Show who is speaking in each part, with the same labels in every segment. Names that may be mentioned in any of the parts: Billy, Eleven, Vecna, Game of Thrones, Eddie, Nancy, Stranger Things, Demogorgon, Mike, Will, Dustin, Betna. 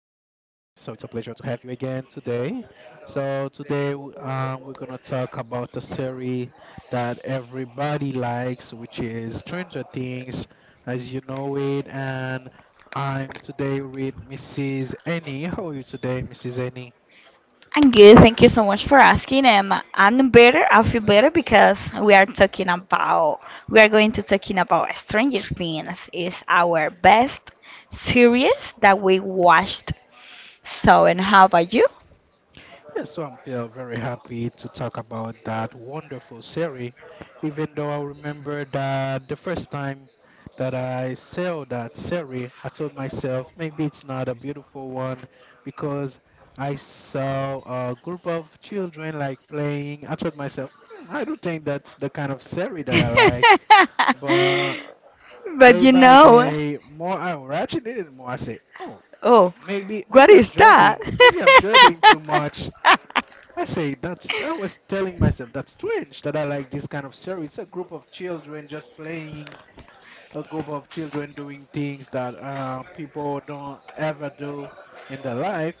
Speaker 1: So it's a pleasure to have you again today. So today we're gonna talk about a series that everybody likes, which is Stranger Things, as you know it. And I'm today with Mrs. Annie. How are you today, Mrs. Annie?
Speaker 2: I'm good. Thank you so much for asking. And I'm better. I feel better because we are talking about we are going to talking about Stranger Things. It's our best series that we watched. So, and how about you?
Speaker 1: Yeah, so I'm feel very happy to talk about that wonderful series, even though I remember that the first time that I saw that series, I told myself maybe it's not a beautiful one because I saw a group of children like playing. I told myself, I don't think that's the kind of series that I like. But
Speaker 2: But
Speaker 1: day
Speaker 2: you
Speaker 1: by
Speaker 2: know,
Speaker 1: day, more I watched it, more I said, oh,
Speaker 2: oh,
Speaker 1: maybe
Speaker 2: what
Speaker 1: maybe I'm
Speaker 2: is that?
Speaker 1: judging, maybe I'm judging too much. I say that's I was telling myself that's strange that I like this kind of series. It's a group of children just playing, a group of children doing things that people don't ever do in their life.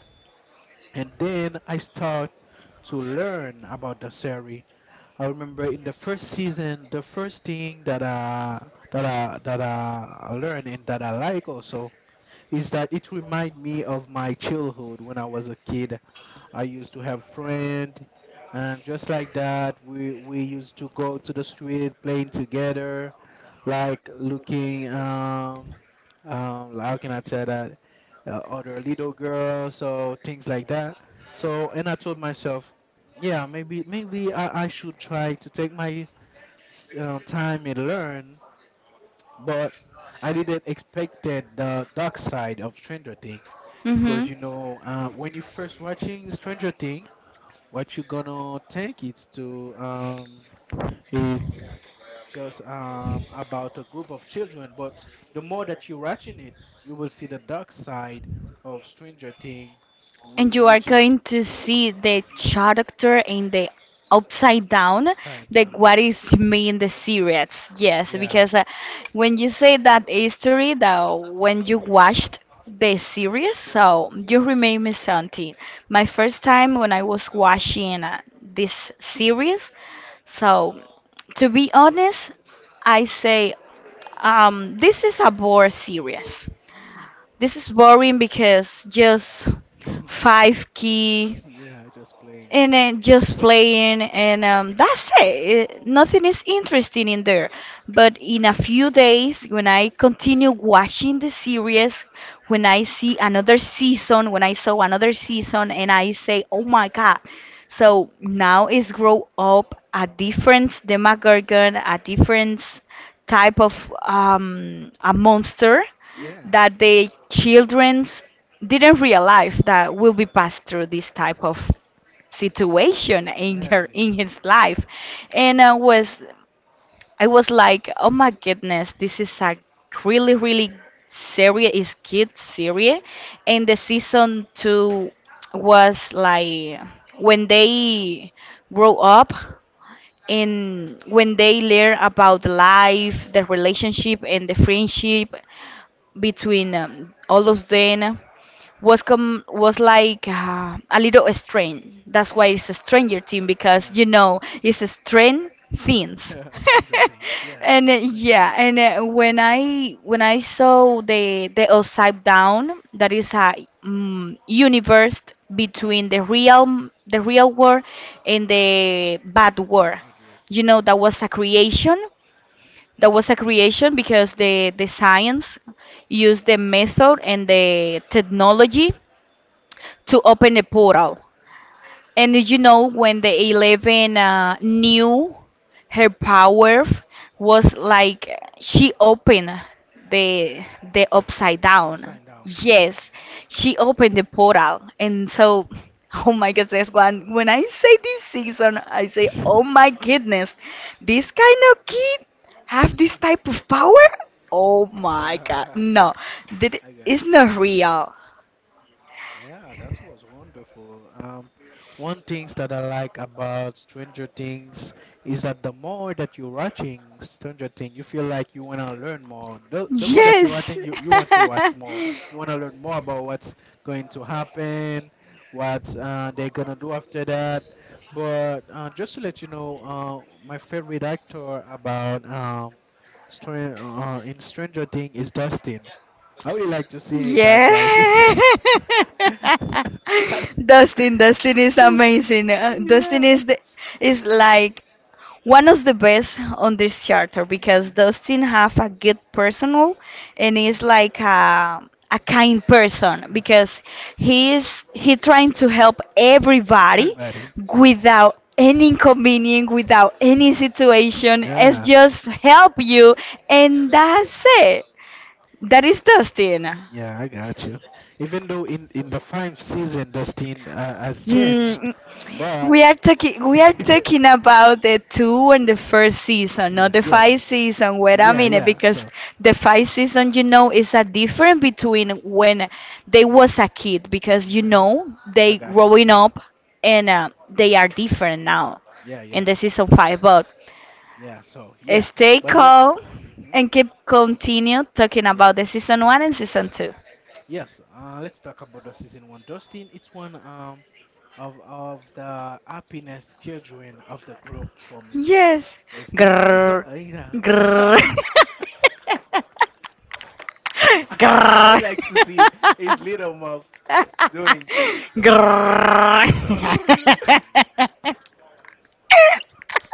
Speaker 1: And then I start to learn about the series. I remember in the first season, the first thing that I that I learned and that I like also is that it remind me of my childhood when I was a kid. I used to have friend, and just like that, we used to go to the street playing together, like looking how can I tell that other little girls, so things like that. So and I told myself, yeah, maybe I should try to take my time and learn, but I didn't expect the dark side of Stranger Thing because
Speaker 2: Mhm.
Speaker 1: when you first watching Stranger Thing what you gonna think it's to it's just about a group of children, but the more that you're watching it, you will see the dark side of Stranger Thing,
Speaker 2: And you are
Speaker 1: which is
Speaker 2: going to see the
Speaker 1: mhm,
Speaker 2: character in the upside down,
Speaker 1: upside
Speaker 2: like
Speaker 1: down.
Speaker 2: what is me in the series. Yes,
Speaker 1: Yeah.
Speaker 2: because when you say that history, that when you watched the series, so you remember something. My first time when I was watching this series, so to be honest, I say this is a bore series this is boring because just
Speaker 1: Mhm.
Speaker 2: five key
Speaker 1: Yeah, just playing.
Speaker 2: and then just playing and
Speaker 1: Yeah.
Speaker 2: um, that's it. Nothing is interesting in there, but in
Speaker 1: Hmm.
Speaker 2: a few days when I continue watching the series, when I saw another season, and I say oh my god, so now it's grow up, a different demogorgon, a different type of a monster
Speaker 1: Yeah.
Speaker 2: that the children didn't realize that will be passed through this type of situation
Speaker 1: Yeah, they did.
Speaker 2: in his life. And I was like oh my goodness, this is a really really serious is kid series. And the season two was like when they grow up and when they learn about life, the relationship and the
Speaker 1: Mhm.
Speaker 2: friendship between all of them, was like a little strange. That's why it's a stranger thing, because
Speaker 1: Yeah. Hmm.
Speaker 2: it's a strange things.
Speaker 1: Yeah, Stranger Things. Yeah.
Speaker 2: And
Speaker 1: Strange
Speaker 2: yeah,
Speaker 1: Things.
Speaker 2: and when I saw the upside down, that is a universe between the
Speaker 1: Mhm.
Speaker 2: real the real world and the bad world.
Speaker 1: Bad word.
Speaker 2: You know that was a creation. That was a creation because the science used the method and the technology to open the portal. And did you know when the Eleven knew her power was like she opened the the upside
Speaker 1: No,
Speaker 2: down.
Speaker 1: upside down.
Speaker 2: Yes, she opened the portal, and so oh my goodness, one when I say this season, I say oh my goodness, this kind of kid have this type of power. Oh my god, no,
Speaker 1: I
Speaker 2: that is
Speaker 1: got you.
Speaker 2: not real.
Speaker 1: Yeah, that was wonderful. One things that I like about Stranger Things is that the more that you're watching Stranger Things, you feel like you want to learn more. The more that you're
Speaker 2: Yes.
Speaker 1: watching, you want to watch more. You want to learn more about what's going to happen, what they're going to do after that. But just to let you know, my favorite actor about in Stranger Things is Dustin. I would like to see that, guys.
Speaker 2: Yeah.
Speaker 1: I don't-
Speaker 2: Dustin is amazing. Dustin is is like one of the best on this charter, because Dustin have a good personal and is like a kind person
Speaker 1: That's, yeah.
Speaker 2: because he trying to help
Speaker 1: That's
Speaker 2: everybody
Speaker 1: everybody.
Speaker 2: without any inconvenience, without any situation. It's
Speaker 1: Yeah.
Speaker 2: just help you, and that's it. That is Dustin.
Speaker 1: Yeah, I got you. Even though in the five season, Dustin has changed,
Speaker 2: Hmm.
Speaker 1: but
Speaker 2: We are talking we are talking about the two and the first season, not
Speaker 1: season
Speaker 2: the
Speaker 1: yes,
Speaker 2: five season. Wait
Speaker 1: Listen,
Speaker 2: a
Speaker 1: yeah,
Speaker 2: minute,
Speaker 1: yeah.
Speaker 2: because
Speaker 1: So,
Speaker 2: the
Speaker 1: Mhm,
Speaker 2: five season, is a different between when they was a kid,
Speaker 1: mhm.
Speaker 2: because
Speaker 1: Uh-huh. I
Speaker 2: they
Speaker 1: got you.
Speaker 2: growing up, and they are different now
Speaker 1: Yeah,
Speaker 2: in
Speaker 1: yeah,
Speaker 2: the season five. But
Speaker 1: yeah. So yeah,
Speaker 2: stay
Speaker 1: but let's.
Speaker 2: calm
Speaker 1: Hmm.
Speaker 2: and keep continue talking about the
Speaker 1: Yes,
Speaker 2: season one
Speaker 1: yes,
Speaker 2: and season two.
Speaker 1: yes. Let's talk about the season one. Dustin, it's one of the happiness children of the group for me,
Speaker 2: Yes.
Speaker 1: cause he's
Speaker 2: Grrr,
Speaker 1: you know,
Speaker 2: grrr.
Speaker 1: I
Speaker 2: Grrrr.
Speaker 1: like to see his little muff doing,
Speaker 2: Grrrr.
Speaker 1: and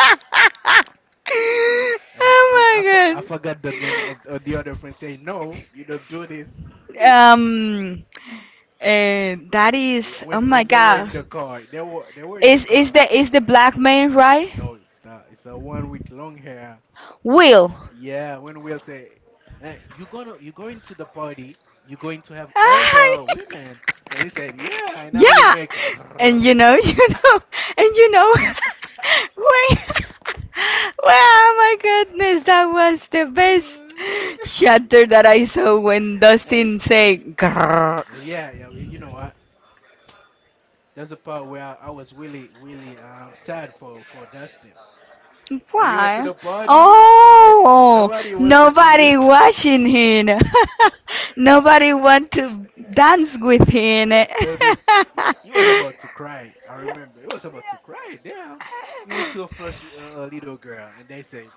Speaker 1: and
Speaker 2: Oh my
Speaker 1: I
Speaker 2: god.
Speaker 1: forgot the name of the other friend saying no, you don't do this.
Speaker 2: Um, that
Speaker 1: It's,
Speaker 2: is. Oh
Speaker 1: when
Speaker 2: my
Speaker 1: when they were in
Speaker 2: god.
Speaker 1: the car, they were in the
Speaker 2: Is is
Speaker 1: car.
Speaker 2: the is the black man, right?
Speaker 1: No, it's the one with long hair.
Speaker 2: Will.
Speaker 1: Yeah, when Will say, "You gonna you going to the party? You going to have all the women?" And he said, "Yeah," and I will
Speaker 2: Yeah,
Speaker 1: make.
Speaker 2: and know, and wait, wow, my goodness, that was the best shatter that I saw when
Speaker 1: Uh,
Speaker 2: Dustin said, "Grrr."
Speaker 1: yeah, yeah, you know what? That's the part where I was really, really sad for Dustin when he went to
Speaker 2: Why?
Speaker 1: the party and
Speaker 2: Oh,
Speaker 1: nobody wanted to be.
Speaker 2: nobody watching him. Nobody want to dance with him.
Speaker 1: Dude, that dude, he was about to cry. I remember. He was about to cry. Damn. He went to a first little girl, and they said,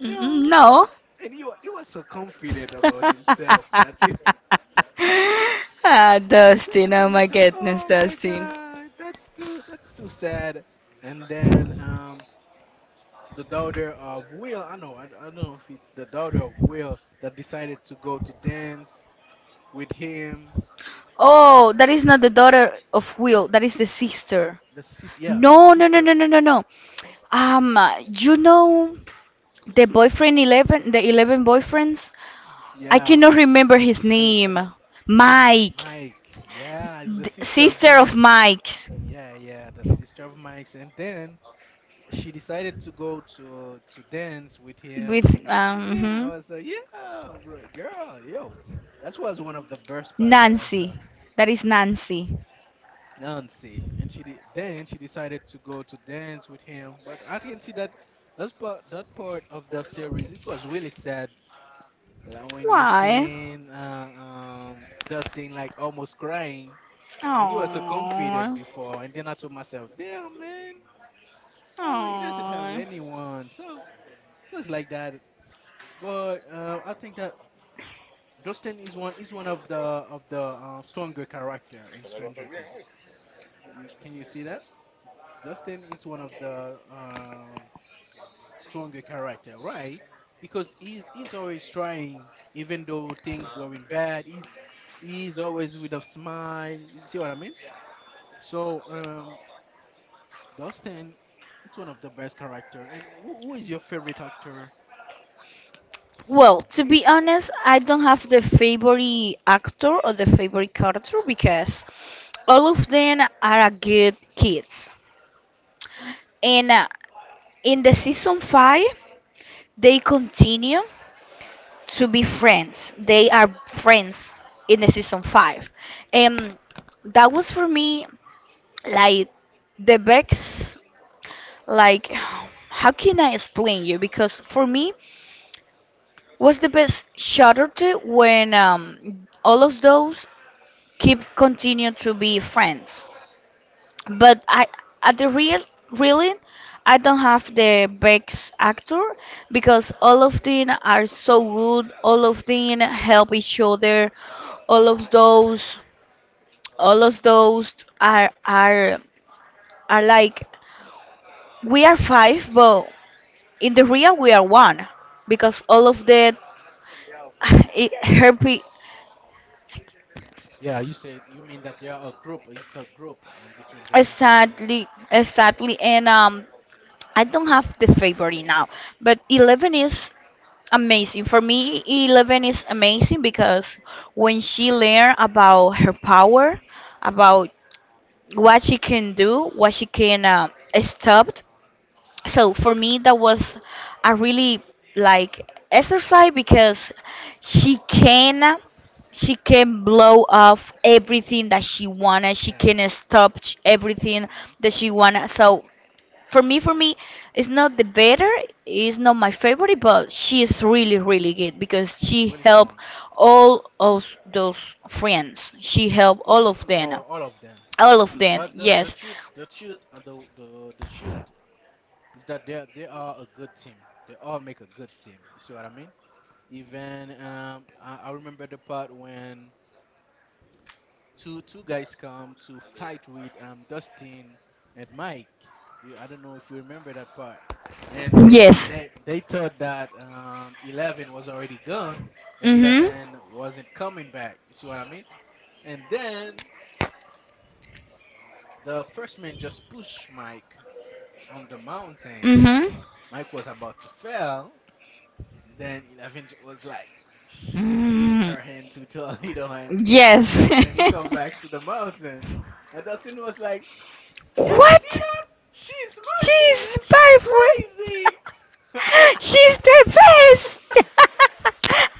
Speaker 2: Mm,
Speaker 1: no.
Speaker 2: no.
Speaker 1: And he was so confident about himself and
Speaker 2: Ah,
Speaker 1: then I
Speaker 2: Dustin. Oh
Speaker 1: told
Speaker 2: my
Speaker 1: myself,
Speaker 2: goodness,
Speaker 1: oh my
Speaker 2: Dustin.
Speaker 1: God, that's too sad. And then the daughter of Will, I know, I don't know if it's the daughter of Will that decided to go to dance with him.
Speaker 2: Oh, that is not the daughter of Will. That is the sister.
Speaker 1: Yeah, the
Speaker 2: No, no, no, no,
Speaker 1: sister.
Speaker 2: no, no, no. You know the boyfriend Eleven, the Eleven boyfriends? I
Speaker 1: Yeah.
Speaker 2: cannot remember his
Speaker 1: I don't, I don't.
Speaker 2: name. Mike.
Speaker 1: Mike. Yeah, it's the
Speaker 2: The
Speaker 1: sister of
Speaker 2: sister of
Speaker 1: Mike.
Speaker 2: Mike.
Speaker 1: Yeah, yeah, the sister of Mike's. And then she decided to go to dance with
Speaker 2: With,
Speaker 1: him. And then I
Speaker 2: mhm.
Speaker 1: was like, yeah, bro, girl, yo. That was one of the best part that I saw.
Speaker 2: Nancy. That is Nancy.
Speaker 1: Nancy. And then she decided to go to dance with him. But I can see that that part of the series it was really sad. Like when you
Speaker 2: Why?
Speaker 1: seen Dustin like almost crying. And you were so confident
Speaker 2: Aww.
Speaker 1: before, and then I told myself, damn man, oh he doesn't have
Speaker 2: Aww.
Speaker 1: anyone. So it's like that. But I think that Dustin is one of the stronger character in Stranger Things. You see that? Dustin is one of the stronger character, right? Because he's always trying, even though things going bad. He's always with a smile. You see what I mean? So Dustin, it's one of the best character. And who is your favorite actor?
Speaker 2: Well, to be honest, I don't have the favorite actor or the favorite character because all of them are a good kids. And in the season five, they continue to be friends. They are friends in the season five. And that was for me like the best, like how can I explain you? Because for me was the best Shutter two when all of those keep continue to be friends. But I, at the real really, I don't have the best actor because all of them are so good. All of them help each other. All of those, all of those are are are like we are five, but in the real we are one because all of that it help me.
Speaker 1: Yeah, you said you mean that they are a group. It's a group between them. I see what you mean.
Speaker 2: Exactly,
Speaker 1: Mhm.
Speaker 2: exactly, and I don't have the favorite now, but eleven is amazing for me. E Eleven is amazing because when she learned about her power, about what she can do, what she can stop, so for me that was a really like exercise because she can she can blow off everything that she wanted, she
Speaker 1: Yeah,
Speaker 2: can stop everything
Speaker 1: mhm.
Speaker 2: that she wanted. So for me, it's not the better, it's not my favorite, but she is really, really good because
Speaker 1: She's
Speaker 2: she
Speaker 1: really
Speaker 2: helped
Speaker 1: strong.
Speaker 2: all of those friends. She
Speaker 1: Hmm.
Speaker 2: helped all of them.
Speaker 1: All of them.
Speaker 2: All of them,
Speaker 1: But
Speaker 2: yes.
Speaker 1: the truth is that they are a good team. They all make a good team. You see what I mean? Even I remember the part when two guys come to fight with Dustin and Mike. I don't know if you remember that part. And they
Speaker 2: Yes.
Speaker 1: they they thought that Eleven was already gone, that
Speaker 2: Mm-hmm.
Speaker 1: Eleven wasn't coming back. You see what I mean? And then the first man just pushed Mike on the mountain.
Speaker 2: Mm-hmm.
Speaker 1: Mike was about to fall. Then Eleven was like with
Speaker 2: Mm.
Speaker 1: her hand to her little hands.
Speaker 2: Yes.
Speaker 1: And then he come back to the mountain. And Dustin was like, can you see
Speaker 2: What?
Speaker 1: that? She's Murphin
Speaker 2: She's
Speaker 1: and she's
Speaker 2: perfect.
Speaker 1: crazy.
Speaker 2: She's the best.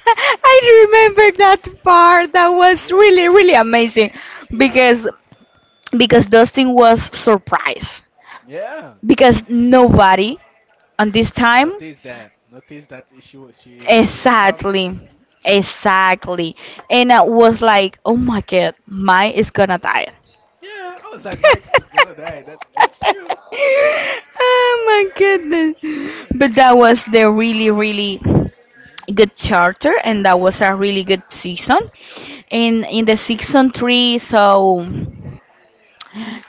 Speaker 2: I remember that part. That was
Speaker 1: Yeah.
Speaker 2: really, really amazing
Speaker 1: Yeah.
Speaker 2: because Dustin was surprised
Speaker 1: Yeah.
Speaker 2: because nobody on this time.
Speaker 1: Notice that. Notice that she wa- she would come back.
Speaker 2: Exactly.
Speaker 1: Hmm.
Speaker 2: Exactly. And I was like, oh my god, mine is gonna die.
Speaker 1: Yeah. I was like, Mike is gonna die. That's true.
Speaker 2: Oh my goodness.
Speaker 1: I was
Speaker 2: But
Speaker 1: like
Speaker 2: that was the really, really
Speaker 1: mhm.
Speaker 2: good charter, and that was a really good season. And in the season three, so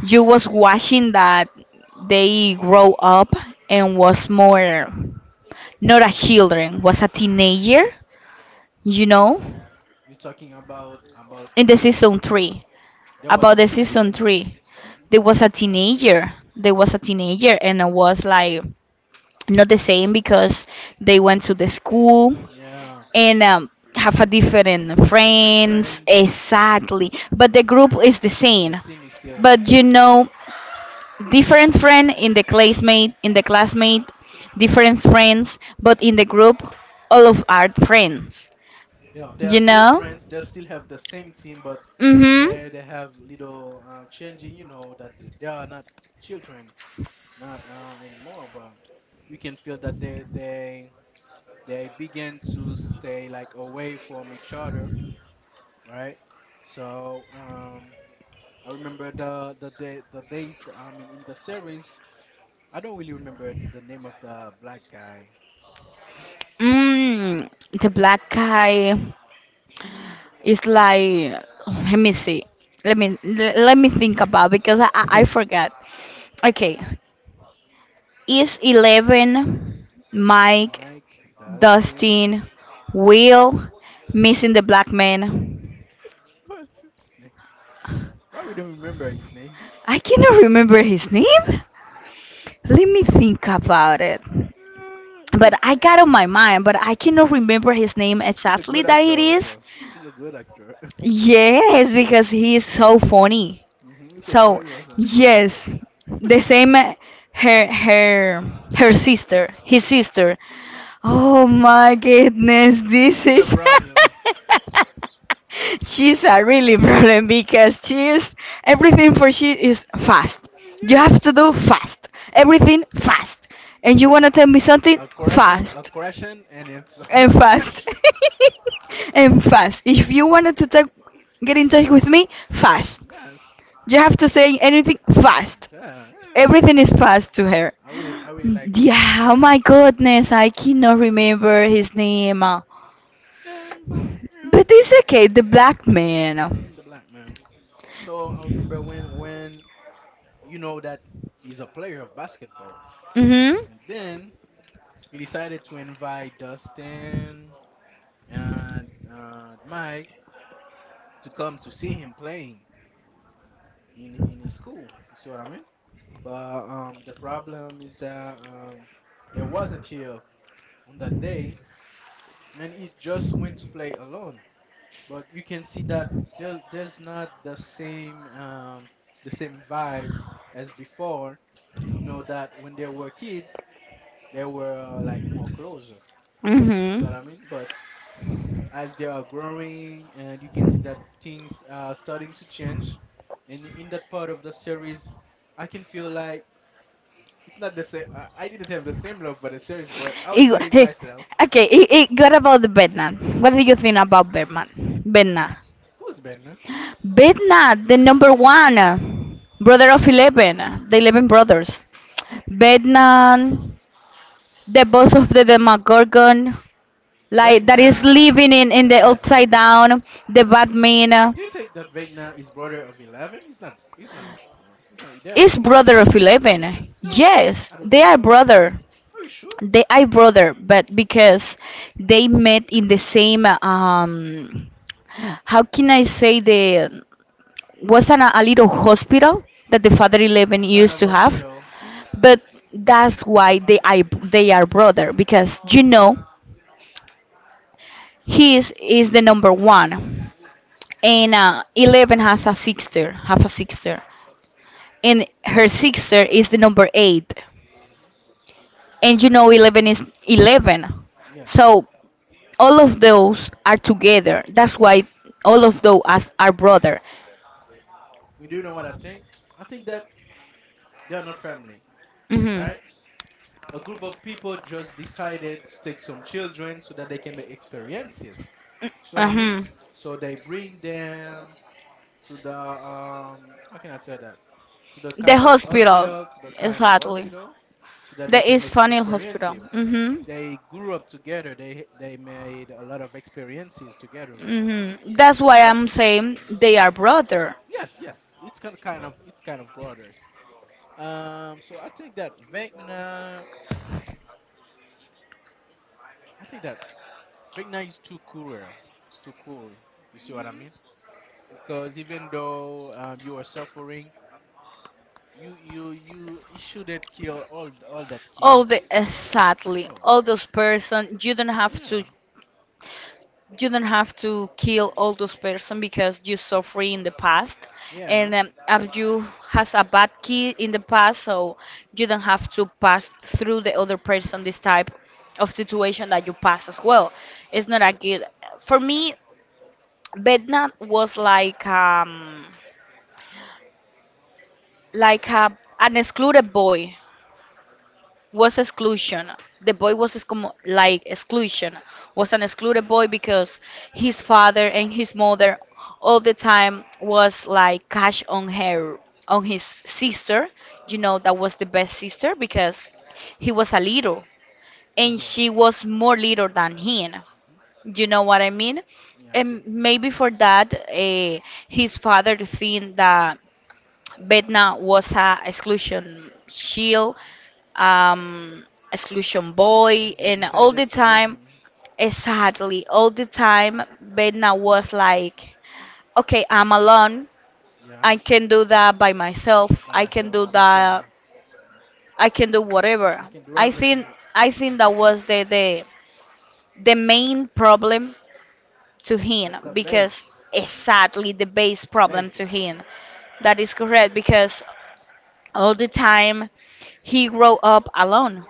Speaker 2: you was watching that they grow up and was more not a children, was a teenager, you know,
Speaker 1: We're talking about about
Speaker 2: in the
Speaker 1: uh,
Speaker 2: season three.
Speaker 1: there was
Speaker 2: About
Speaker 1: a
Speaker 2: the season
Speaker 1: teenager.
Speaker 2: three,
Speaker 1: Hmm.
Speaker 2: there was a teenager. There was a
Speaker 1: Hmm.
Speaker 2: teenager, and I was like, not the same because they went to the school
Speaker 1: Yeah,
Speaker 2: and have a different
Speaker 1: different
Speaker 2: friends,
Speaker 1: friends.
Speaker 2: exactly,
Speaker 1: I
Speaker 2: but
Speaker 1: see
Speaker 2: the
Speaker 1: what you mean.
Speaker 2: group is the same.
Speaker 1: The team is
Speaker 2: But
Speaker 1: still here.
Speaker 2: different friend, in the classmate, different friends, but in the group all of our friends,
Speaker 1: They are
Speaker 2: you
Speaker 1: still
Speaker 2: know
Speaker 1: friends. They still have the same team, but
Speaker 2: mm-hmm.
Speaker 1: they have little changing. You know that they are not children, not anymore. But you can feel that they begin to stay like away from each other, right? So I remember the days. I mean, in the series, I don't really remember the name of the black guy.
Speaker 2: mm, the black guy, it's like,
Speaker 1: What's
Speaker 2: let
Speaker 1: his
Speaker 2: me
Speaker 1: name?
Speaker 2: see. Let me think about, because I forgot. Okay, it's eleven. Mike,
Speaker 1: Mike Dustin.
Speaker 2: Dustin, Will, missing the black man.
Speaker 1: What's his name? Why we don't remember his name?
Speaker 2: I cannot remember his name. Let me think about it.
Speaker 1: Uh, he's
Speaker 2: But I got on my mind, but I cannot remember his name
Speaker 1: He's a
Speaker 2: exactly
Speaker 1: good
Speaker 2: that
Speaker 1: actor
Speaker 2: it is.
Speaker 1: also. He's a good actor.
Speaker 2: Yes, because he is so funny.
Speaker 1: Hmm. He's so
Speaker 2: So
Speaker 1: funny also.
Speaker 2: yes, the same her her her sister, his sister. Oh my goodness, this
Speaker 1: She's a
Speaker 2: is
Speaker 1: problem.
Speaker 2: she's a really problem because she is everything, for she is fast. You
Speaker 1: Yeah.
Speaker 2: have to do fast. Everything fast. And you wanna tell me something
Speaker 1: A
Speaker 2: fast,
Speaker 1: correction, and it's a
Speaker 2: and fast,
Speaker 1: correction.
Speaker 2: and fast. If you wanted to talk, get in touch with me, fast.
Speaker 1: Yes.
Speaker 2: You have to say anything fast.
Speaker 1: Yeah, yeah.
Speaker 2: Everything is fast to her.
Speaker 1: I really like
Speaker 2: Yeah,
Speaker 1: her
Speaker 2: oh my
Speaker 1: attitude. To do.
Speaker 2: goodness, I cannot remember his name. But
Speaker 1: Yeah, but yeah.
Speaker 2: it's okay, the black man.
Speaker 1: Hmm. The black man. So I remember when when you know that he's a player of basketball,
Speaker 2: Mm-hmm.
Speaker 1: and then he decided to invite Dustin and Mike to come to see him playing in his school. You see what I mean? But the problem is that they wasn't here on that day, and he just went to play alone. But you can see that there's not the same vibe as before. You know that when they were kids, they were like more closer. You see
Speaker 2: Mm-hmm.
Speaker 1: what I mean? But as they are growing and you can see that things are starting to change and in that part of the series I can feel like it's not the same. I didn't have the same love for the series but I was
Speaker 2: It,
Speaker 1: selling
Speaker 2: hey,
Speaker 1: myself.
Speaker 2: okay, it got about the Vietnam. What do you think about Vietnam? Vietnam.
Speaker 1: Who's Benna?
Speaker 2: Vietnam, the number one. Brother of Eleven. The Eleven brothers. Vietnam, the boss of the Demogorgon, like, that is
Speaker 1: Vegna,
Speaker 2: living in
Speaker 1: the
Speaker 2: the
Speaker 1: bad
Speaker 2: upside
Speaker 1: Vegna.
Speaker 2: down, the Batman.
Speaker 1: Do you think that Vegna is brother of 11? He's not his brother. He's not, they're not.
Speaker 2: Is brother of Eleven.
Speaker 1: No,
Speaker 2: Yes,
Speaker 1: I don't
Speaker 2: they
Speaker 1: think
Speaker 2: are
Speaker 1: so.
Speaker 2: brother.
Speaker 1: Are you sure?
Speaker 2: They are brother, but because they met in the same how can I say, the, wasn't a, little hospital that the father Eleven
Speaker 1: What kind
Speaker 2: used
Speaker 1: of
Speaker 2: to have,
Speaker 1: hospital?
Speaker 2: but that's why they are brother, because you know is the number one, and Eleven has a sister, have a sister, and her sister is the number eight, and you know Eleven is 11,
Speaker 1: Yeah,
Speaker 2: so all of those are together. That's why all of those as are brother.
Speaker 1: we do know what I think. I think that they're not family,
Speaker 2: Mhm.
Speaker 1: right? A group of people just decided to take some children so that they can make experiences. See what I mean?
Speaker 2: Mhm.
Speaker 1: So they bring them to the how can I tell that? To the
Speaker 2: The
Speaker 1: kind of
Speaker 2: hospital,
Speaker 1: hospital, to the kind of
Speaker 2: exactly.
Speaker 1: hospital, so that they
Speaker 2: The
Speaker 1: can
Speaker 2: East
Speaker 1: make
Speaker 2: Funnel Hospital.
Speaker 1: experiences.
Speaker 2: Mhm.
Speaker 1: They grew up together. They made a lot of experiences together.
Speaker 2: Mhm. That's why
Speaker 1: But
Speaker 2: I'm saying
Speaker 1: mhm,
Speaker 2: they are brother.
Speaker 1: yes, yes, it's it's kind of brothers. So I think that Vecna, I think that right now it's too cruel. It's too cruel. You see what I mean? Because even though you are suffering, you shouldn't kill all that
Speaker 2: All the
Speaker 1: kids.
Speaker 2: exactly,
Speaker 1: Oh
Speaker 2: all those person, you don't have to
Speaker 1: yeah,
Speaker 2: kill all those person because you suffer in the past,
Speaker 1: yeah.
Speaker 2: and if you has a bad kid in the past, so you don't have to pass through the other person this type of situation that you pass as well. It's not a good for me. Bednat was like a an excluded boy, was exclusion. The boy was like exclusion. Was an excluded boy because his father and his mother all the time was like cash on her, on his sister. You know that was the best sister because he was a little and
Speaker 1: Those are
Speaker 2: she was more
Speaker 1: children.
Speaker 2: little than him.
Speaker 1: Hmm.
Speaker 2: You know what I mean?
Speaker 1: Yeah, I see.
Speaker 2: And maybe for that, his father think that Betna was a exclusion shield, um, Exclusion Boy,
Speaker 1: And they
Speaker 2: and all the
Speaker 1: decided to bring
Speaker 2: time,
Speaker 1: him in.
Speaker 2: exactly, all the time, Betna was like, okay, I'm alone. I
Speaker 1: Yeah,
Speaker 2: can do that by myself.
Speaker 1: by
Speaker 2: I can
Speaker 1: myself.
Speaker 2: do
Speaker 1: I don't care.
Speaker 2: that. I can do whatever.
Speaker 1: I can do
Speaker 2: I think
Speaker 1: everything.
Speaker 2: I think that was the main problem to him
Speaker 1: That's the
Speaker 2: because,
Speaker 1: base. Hmm.
Speaker 2: exactly, the base
Speaker 1: The
Speaker 2: problem
Speaker 1: basic.
Speaker 2: to him. That is correct because all the time he grew up alone.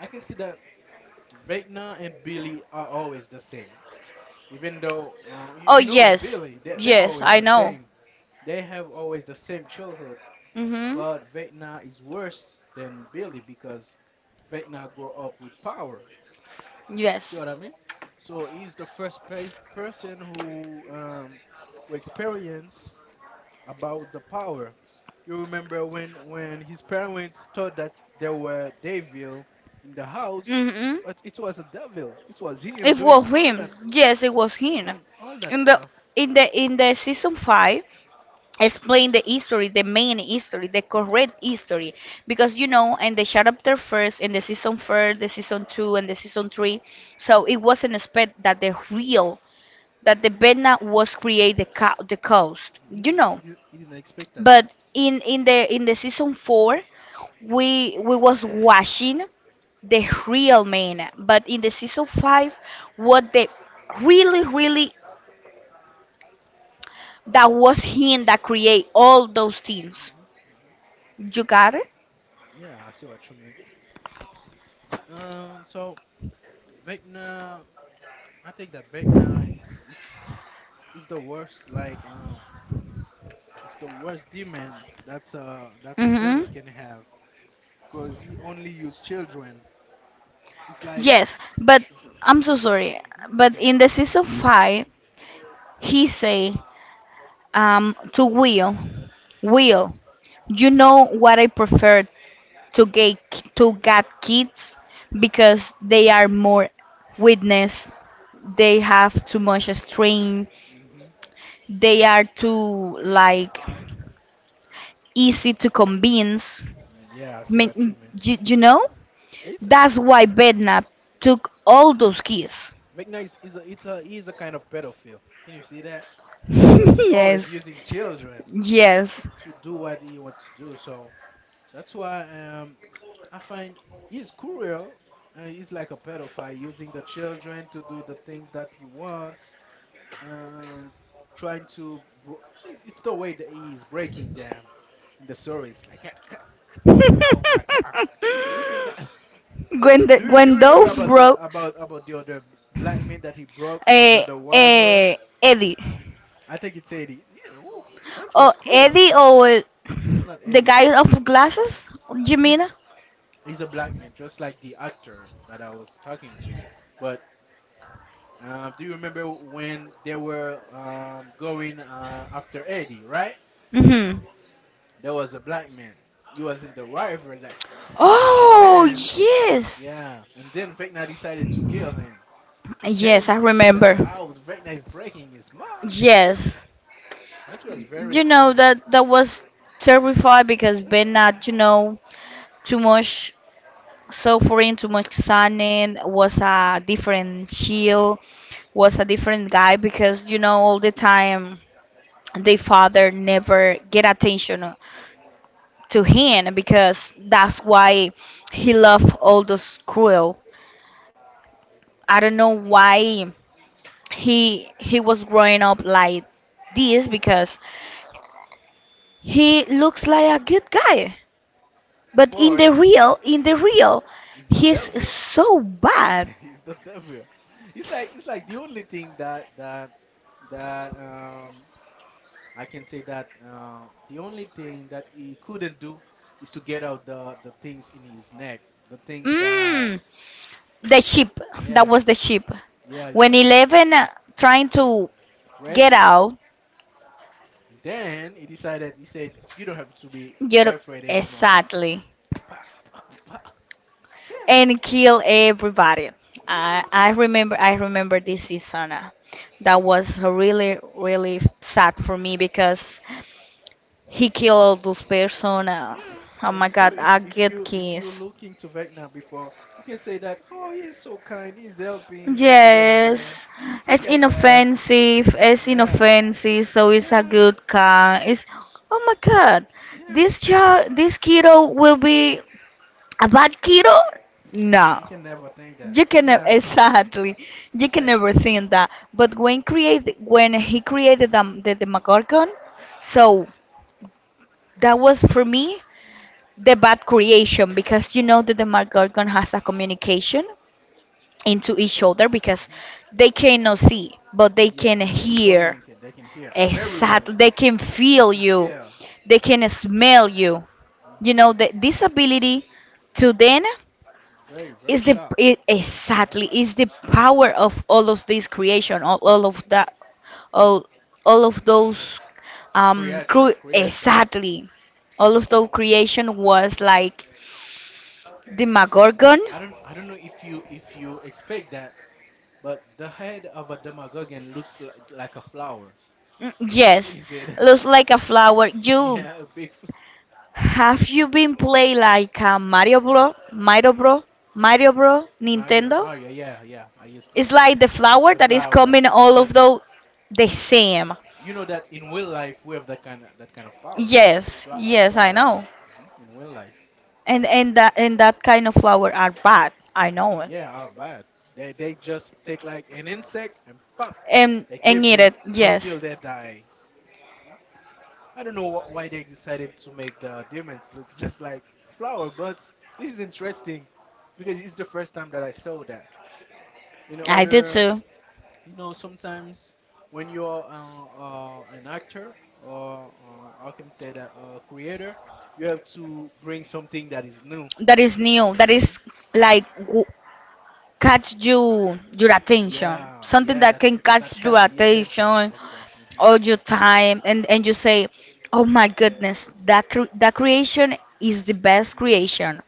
Speaker 1: I can see the Vecna and Billy are always the same. Even though you,
Speaker 2: Oh
Speaker 1: you know it's
Speaker 2: yes,
Speaker 1: Billy, they're
Speaker 2: yes,
Speaker 1: always
Speaker 2: I
Speaker 1: the
Speaker 2: know.
Speaker 1: same. They have always the same childhood,
Speaker 2: Mhm.
Speaker 1: but Vecna is worse than Billy because Vecna grew up with power. See
Speaker 2: Yes.
Speaker 1: what I mean? So he's the person who experienced about the power. You remember when his parents thought that there were devil in the house,
Speaker 2: Mhm.
Speaker 1: but it was a devil. It was him
Speaker 2: It was him. Yes, it was him.
Speaker 1: doing all that
Speaker 2: In the
Speaker 1: stuff.
Speaker 2: in the season five, explain the history, the main history, the correct history, because you know, in the chapter first, in the season first, the season two, and the season three, so it wasn't expect that the real that the Betna was create the coast,
Speaker 1: Hmm.
Speaker 2: you
Speaker 1: You know,
Speaker 2: know.
Speaker 1: he didn't expect that.
Speaker 2: But in the season four, we was watching the real man. But in the season five, what the really that was him that create all those things.
Speaker 1: Hmm. Hmm.
Speaker 2: You got it?
Speaker 1: Yeah, I see what you mean. So Vecna, I think that Vecna, it's it's the worst. Like it's the worst demon that's a service
Speaker 2: Mm-hmm.
Speaker 1: can have because he only use children. It's like
Speaker 2: Yes, but I'm so sorry.
Speaker 1: hmm, it's
Speaker 2: But
Speaker 1: okay.
Speaker 2: in the season five, he say to Will, Will, you know what I prefer to get to get kids because they are more witness they have too much strain
Speaker 1: Hmm.
Speaker 2: they are too like easy to convince.
Speaker 1: Yeah, I see what you
Speaker 2: Men-
Speaker 1: mean.
Speaker 2: you know
Speaker 1: It's
Speaker 2: that's why bednap took all those kids.
Speaker 1: Vecna is a it's a he's a kind of pedophile. Can you see that? Because he always
Speaker 2: Yes.
Speaker 1: using children
Speaker 2: Yes.
Speaker 1: to do what he wants to do. So that's why I find he's cruel. He's like a pedophile using the children to do the things that he wants and trying to. It's the way that he is breaking them in the stories. Like, oh my god, looking that.
Speaker 2: When the,
Speaker 1: Do you
Speaker 2: when
Speaker 1: remember
Speaker 2: those
Speaker 1: about the
Speaker 2: broke
Speaker 1: about the other black man that he broke under
Speaker 2: uh,
Speaker 1: the river?
Speaker 2: uh, Eddie.
Speaker 1: I think it's Eddie. Yeah, oof, that
Speaker 2: Oh,
Speaker 1: was cruel, man.
Speaker 2: Eddie or
Speaker 1: It's not
Speaker 2: the
Speaker 1: Eddie.
Speaker 2: guy of glasses,
Speaker 1: He's
Speaker 2: Jimena?
Speaker 1: he's a black man, just like the actor that I was talking to you. But do you remember when they were going after Eddie? Right?
Speaker 2: Mm-hmm.
Speaker 1: There was a black man. He was in the river, that, and
Speaker 2: Oh,
Speaker 1: then
Speaker 2: yes.
Speaker 1: yeah, and then Vecna decided to kill him. Then
Speaker 2: Yes, I
Speaker 1: you can see
Speaker 2: remember.
Speaker 1: that how Vecna is breaking his mouth. Yeah.
Speaker 2: Yes.
Speaker 1: That was very
Speaker 2: You know
Speaker 1: cool.
Speaker 2: that that was terrified because Ben not, too much suffering, too much sunning was a different chill, was a different guy because you know all the time the father never get attention to him because that's why he loved all those cruel. I don't know why he was growing up like this because he looks like a good guy, but
Speaker 1: Before eh,
Speaker 2: in the real
Speaker 1: it's the
Speaker 2: he's
Speaker 1: devil.
Speaker 2: so bad.
Speaker 1: It's the devil. It's like the only thing that I can say that the only thing that he couldn't do is to get out the things in his neck. The things that
Speaker 2: Mm, the sheep that
Speaker 1: yeah,
Speaker 2: was the sheep
Speaker 1: yeah, it's
Speaker 2: when
Speaker 1: like
Speaker 2: Eleven trying
Speaker 1: just
Speaker 2: to
Speaker 1: break
Speaker 2: get
Speaker 1: it.
Speaker 2: out.
Speaker 1: And then he decided he said you don't have to be
Speaker 2: You're
Speaker 1: afraid anymore.
Speaker 2: exactly.
Speaker 1: Pa, pa, pa. Damn.
Speaker 2: And kill everybody.
Speaker 1: Yeah, bro.
Speaker 2: I remember this season. That was really sad for me because he killed all those person.
Speaker 1: Yeah,
Speaker 2: Oh
Speaker 1: and
Speaker 2: my
Speaker 1: before
Speaker 2: God! I
Speaker 1: if
Speaker 2: get
Speaker 1: you if you're
Speaker 2: kiss.
Speaker 1: looking to Vecna before, you can say that, oh, he's so kind, he's helping 11.
Speaker 2: Yes,
Speaker 1: Look
Speaker 2: it's
Speaker 1: at that.
Speaker 2: inoffensive. It's
Speaker 1: Yeah,
Speaker 2: inoffensive, so it's a
Speaker 1: yeah,
Speaker 2: good car. It's Oh my god,
Speaker 1: yeah.
Speaker 2: this child, this kiddo will be a bad kiddo? No.
Speaker 1: You can never think that. Never.
Speaker 2: Exactly. You
Speaker 1: It's
Speaker 2: can
Speaker 1: like,
Speaker 2: never think that. But when he created the Demogorgon, so that was for me the bad creation because you know the Demogorgon has a communication into each other because
Speaker 1: hmm,
Speaker 2: they cannot see, but they
Speaker 1: yeah,
Speaker 2: can
Speaker 1: they can
Speaker 2: hear.
Speaker 1: communicate, they can hear very well,
Speaker 2: Exactly. They can
Speaker 1: they
Speaker 2: feel
Speaker 1: can
Speaker 2: you.
Speaker 1: feel.
Speaker 2: They can smell you. You know
Speaker 1: Hmm.
Speaker 2: the this ability to then
Speaker 1: It's very
Speaker 2: is
Speaker 1: sharp. Hmm.
Speaker 2: exactly is the power of all of this creation all of that all all of those
Speaker 1: Creature, creature.
Speaker 2: exactly all of
Speaker 1: Hmm.
Speaker 2: those creation was like the magorgon.
Speaker 1: I don't know if you expect that, but the head of a demagogue looks like a flower.
Speaker 2: Mm,
Speaker 1: Can
Speaker 2: yes.
Speaker 1: you say that?
Speaker 2: Looks like a flower you
Speaker 1: Yeah, a big fl-.
Speaker 2: have you been play like a mario bro
Speaker 1: Mario.
Speaker 2: nintendo?
Speaker 1: Mario. Yeah, yeah. I used to.
Speaker 2: It's like the flour
Speaker 1: The
Speaker 2: that is
Speaker 1: flower.
Speaker 2: coming
Speaker 1: That
Speaker 2: all of
Speaker 1: just.
Speaker 2: the same.
Speaker 1: You know that in real life we have that kind of power.
Speaker 2: Yes,
Speaker 1: Fla
Speaker 2: yes, I
Speaker 1: flower. I mean,
Speaker 2: know.
Speaker 1: mhm, in real life.
Speaker 2: And that kind of flour are bad. I know it.
Speaker 1: Yeah, how bad? They just take like an insect and pop.
Speaker 2: And
Speaker 1: They
Speaker 2: and
Speaker 1: keep
Speaker 2: eat
Speaker 1: it
Speaker 2: it.
Speaker 1: until
Speaker 2: Yes,
Speaker 1: they die. Mhm. I don't know why they decided to make the diamonds looks just like flower buds. This is interesting because it's the first time that I saw that. In
Speaker 2: I did
Speaker 1: other
Speaker 2: too.
Speaker 1: you know sometimes when you're an actor or I can say that a creator you have to bring something that is new
Speaker 2: That is new. That
Speaker 1: hmm,
Speaker 2: is like w- Catch your attention.
Speaker 1: yeah,
Speaker 2: Something
Speaker 1: yeah,
Speaker 2: that
Speaker 1: that
Speaker 2: can
Speaker 1: that,
Speaker 2: catch
Speaker 1: that
Speaker 2: your
Speaker 1: kept the attention
Speaker 2: attention
Speaker 1: of the mm-hmm.
Speaker 2: all your time, and you say, "Oh my goodness, that creation is the best
Speaker 1: Is the best
Speaker 2: creation."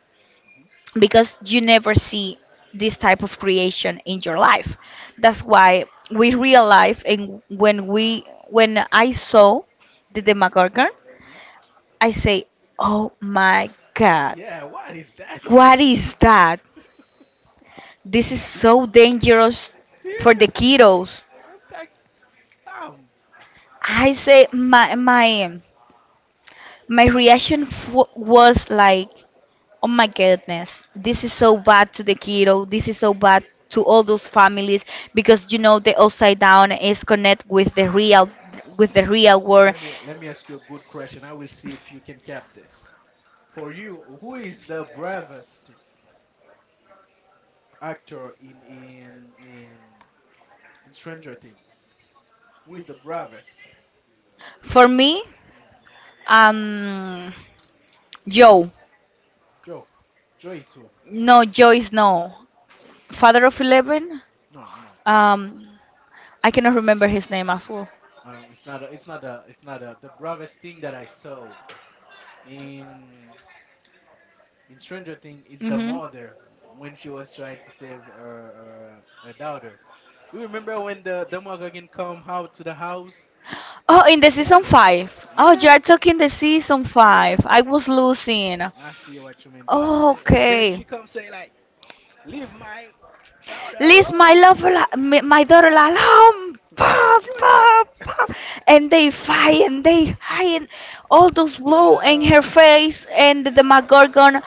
Speaker 1: hmm.
Speaker 2: Because you never see this type of creation in your life. That's why we real life and when I saw the Demogorgon,
Speaker 1: Hmm.
Speaker 2: I say, "Oh my God,
Speaker 1: Yeah, what is that shit.
Speaker 2: what is that? This is so dangerous for the
Speaker 1: Damn.
Speaker 2: kiddos."
Speaker 1: I'm like bam.
Speaker 2: I say my reaction was like, oh my goodness, this is so bad to the kiddo. This is so bad to all those families because you know the upside down is connect with the
Speaker 1: Le-
Speaker 2: real world.
Speaker 1: let me ask you a good question, I will see if you can cap this for you, who is the bravest actor in in Stranger Things? Who is the bravest?
Speaker 2: For me,
Speaker 1: Mm,
Speaker 2: um, Joe.
Speaker 1: Joe, Joey too.
Speaker 2: No, Joe is no. Father of Eleven.
Speaker 1: No, no,
Speaker 2: Um, I cannot remember his name as well.
Speaker 1: it's not. A, it's not a. It's not a. The bravest thing that I saw in in Stranger Things is the
Speaker 2: hmm
Speaker 1: mother when she was trying to save her daughter. You remember when the Demogorgon come out to the house?
Speaker 2: Oh, in the season
Speaker 1: Yeah.
Speaker 2: five. Oh, you are
Speaker 1: Yeah,
Speaker 2: talking the season
Speaker 1: yeah.
Speaker 2: five. I was losing.
Speaker 1: I see what you mean.
Speaker 2: Oh,
Speaker 1: And then she
Speaker 2: okay.
Speaker 1: comes say like, "Leave my daughter
Speaker 2: Leave my love,
Speaker 1: alone."
Speaker 2: my daughter alone.
Speaker 1: And
Speaker 2: Pa,
Speaker 1: she was like,
Speaker 2: pa, pa. And they fight and they hide and all those blow in her
Speaker 1: well,
Speaker 2: face and the
Speaker 1: yeah.
Speaker 2: Demogorgon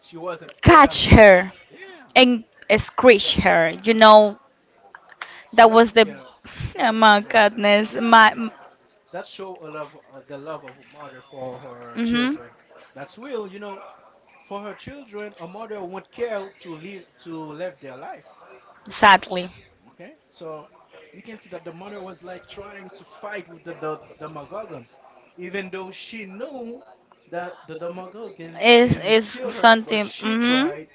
Speaker 1: She wasn't scared.
Speaker 2: catch her
Speaker 1: Yeah.
Speaker 2: and screech
Speaker 1: Just,
Speaker 2: her.
Speaker 1: yeah.
Speaker 2: You know,
Speaker 1: She
Speaker 2: that was
Speaker 1: wasn't
Speaker 2: the,
Speaker 1: scared. She
Speaker 2: oh
Speaker 1: wasn't
Speaker 2: my
Speaker 1: scared.
Speaker 2: goodness,
Speaker 1: Yeah, this
Speaker 2: my,
Speaker 1: is, that show a love, the love of a mother for her
Speaker 2: hmm
Speaker 1: children. That's real, you know. For her children, a mother won't care to live their life.
Speaker 2: sadly.
Speaker 1: Okay, so you can see that the mother was like trying to fight with the Demogorgon, even though she knew that the Demogorgon
Speaker 2: Is
Speaker 1: can
Speaker 2: is
Speaker 1: kill her, but
Speaker 2: something,
Speaker 1: she
Speaker 2: hmm
Speaker 1: tried.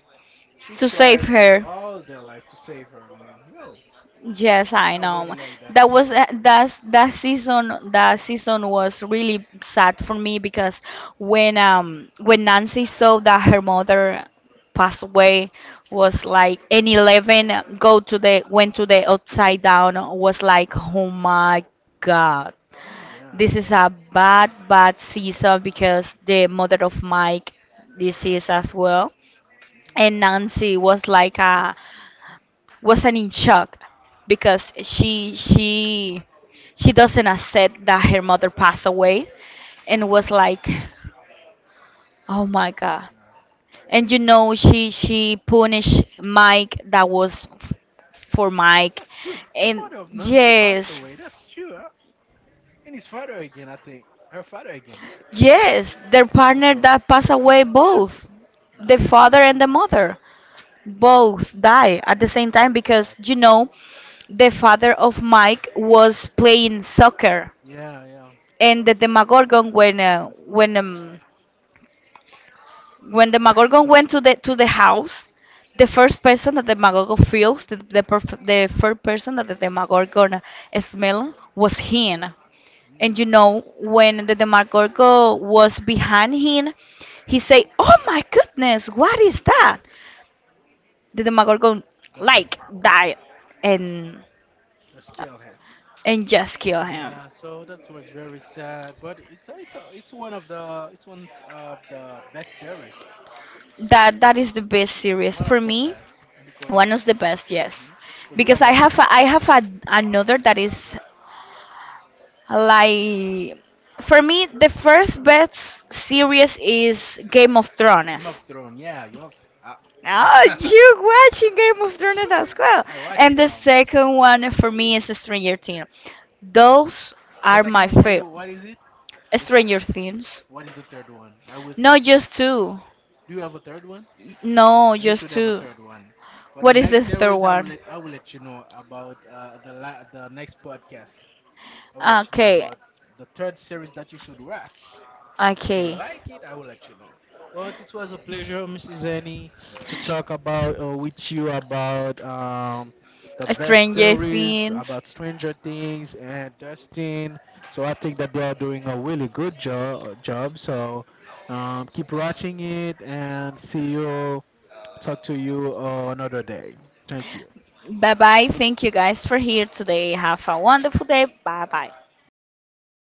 Speaker 1: She
Speaker 2: To save
Speaker 1: tried with
Speaker 2: her.
Speaker 1: all their life to save her, man. Yo,
Speaker 2: Yes, I
Speaker 1: I really
Speaker 2: know.
Speaker 1: like that
Speaker 2: That was
Speaker 1: series.
Speaker 2: that season was really sad for me because when Nancy saw that her mother passed away was like an Eleven go to the went to the upside down was like oh my God.
Speaker 1: Yeah.
Speaker 2: This is a bad bad season because the mother of Mike disease as well
Speaker 1: Hmm.
Speaker 2: and Nancy was like a wasn't in shock because she doesn't accept that her mother passed away and
Speaker 1: Hmm.
Speaker 2: was like oh my
Speaker 1: Mm,
Speaker 2: god
Speaker 1: yeah,
Speaker 2: and you know she punished Mike for Mike
Speaker 1: that's true. The
Speaker 2: and
Speaker 1: mother of Nancy passed
Speaker 2: yes,
Speaker 1: away. That's true. Huh? And his father again, I think. Her father again.
Speaker 2: yes, their partner
Speaker 1: Also,
Speaker 2: that passed
Speaker 1: their
Speaker 2: away
Speaker 1: pa-. Yeah.
Speaker 2: both the father and the
Speaker 1: Damn.
Speaker 2: mother
Speaker 1: That's very
Speaker 2: both
Speaker 1: sad.
Speaker 2: die at the
Speaker 1: That's
Speaker 2: same time
Speaker 1: very
Speaker 2: because
Speaker 1: sad.
Speaker 2: you know the father of Mike was playing soccer
Speaker 1: Yeah, yeah.
Speaker 2: and the Demogorgon
Speaker 1: Just come.
Speaker 2: when the Demogorgon went to the house, the first person that the Demogorgon feels, the first person that the Demogorgon smell was him. And you
Speaker 1: Mm.
Speaker 2: know when the Demogorgon was behind him, he said, "Oh my goodness, what is that?" The Demogorgon
Speaker 1: Just
Speaker 2: like
Speaker 1: pop.
Speaker 2: died, and
Speaker 1: Just kill him.
Speaker 2: and just kill him.
Speaker 1: Yeah. So that's what's very sad. But it's one of the it's one of the best series.
Speaker 2: That is the best series
Speaker 1: One of
Speaker 2: for
Speaker 1: the
Speaker 2: me.
Speaker 1: best because
Speaker 2: One of the best, yes,
Speaker 1: mhm, because we
Speaker 2: because
Speaker 1: have a lot.
Speaker 2: I have a, another that is like for me the first best series is Game of Thrones.
Speaker 1: Game of Thrones. Yeah. Game of. Uh, yeah,
Speaker 2: Oh, you watching Game of Thrones
Speaker 1: sure.
Speaker 2: as well.
Speaker 1: I watch it
Speaker 2: And the
Speaker 1: all.
Speaker 2: second one for me is Stranger Things. Those
Speaker 1: The
Speaker 2: are
Speaker 1: second
Speaker 2: my
Speaker 1: one for you.
Speaker 2: favorite.
Speaker 1: What is it? The se-.
Speaker 2: Stranger Things.
Speaker 1: What is the third one? I will see
Speaker 2: No,
Speaker 1: if you.
Speaker 2: just two.
Speaker 1: Do you have a third one?
Speaker 2: No,
Speaker 1: You
Speaker 2: just
Speaker 1: should have a
Speaker 2: two.
Speaker 1: third one. For the
Speaker 2: What is
Speaker 1: next
Speaker 2: the third
Speaker 1: series,
Speaker 2: one?
Speaker 1: I will let you know about the next podcast. I will let you know
Speaker 2: Okay,
Speaker 1: about the third series that you should watch. That you will
Speaker 2: okay.
Speaker 1: like it, I will let you know. But it was a pleasure, Mrs. Annie, to talk about with you about the best
Speaker 2: Stranger
Speaker 1: series,
Speaker 2: Things.
Speaker 1: about Stranger Things and Dustin. So I think that they are doing a really good job. So keep watching it and see you, talk to you another day. Thank you.
Speaker 2: Bye bye. Thank you guys for here today. Have a wonderful day. Bye bye.
Speaker 1: Bye.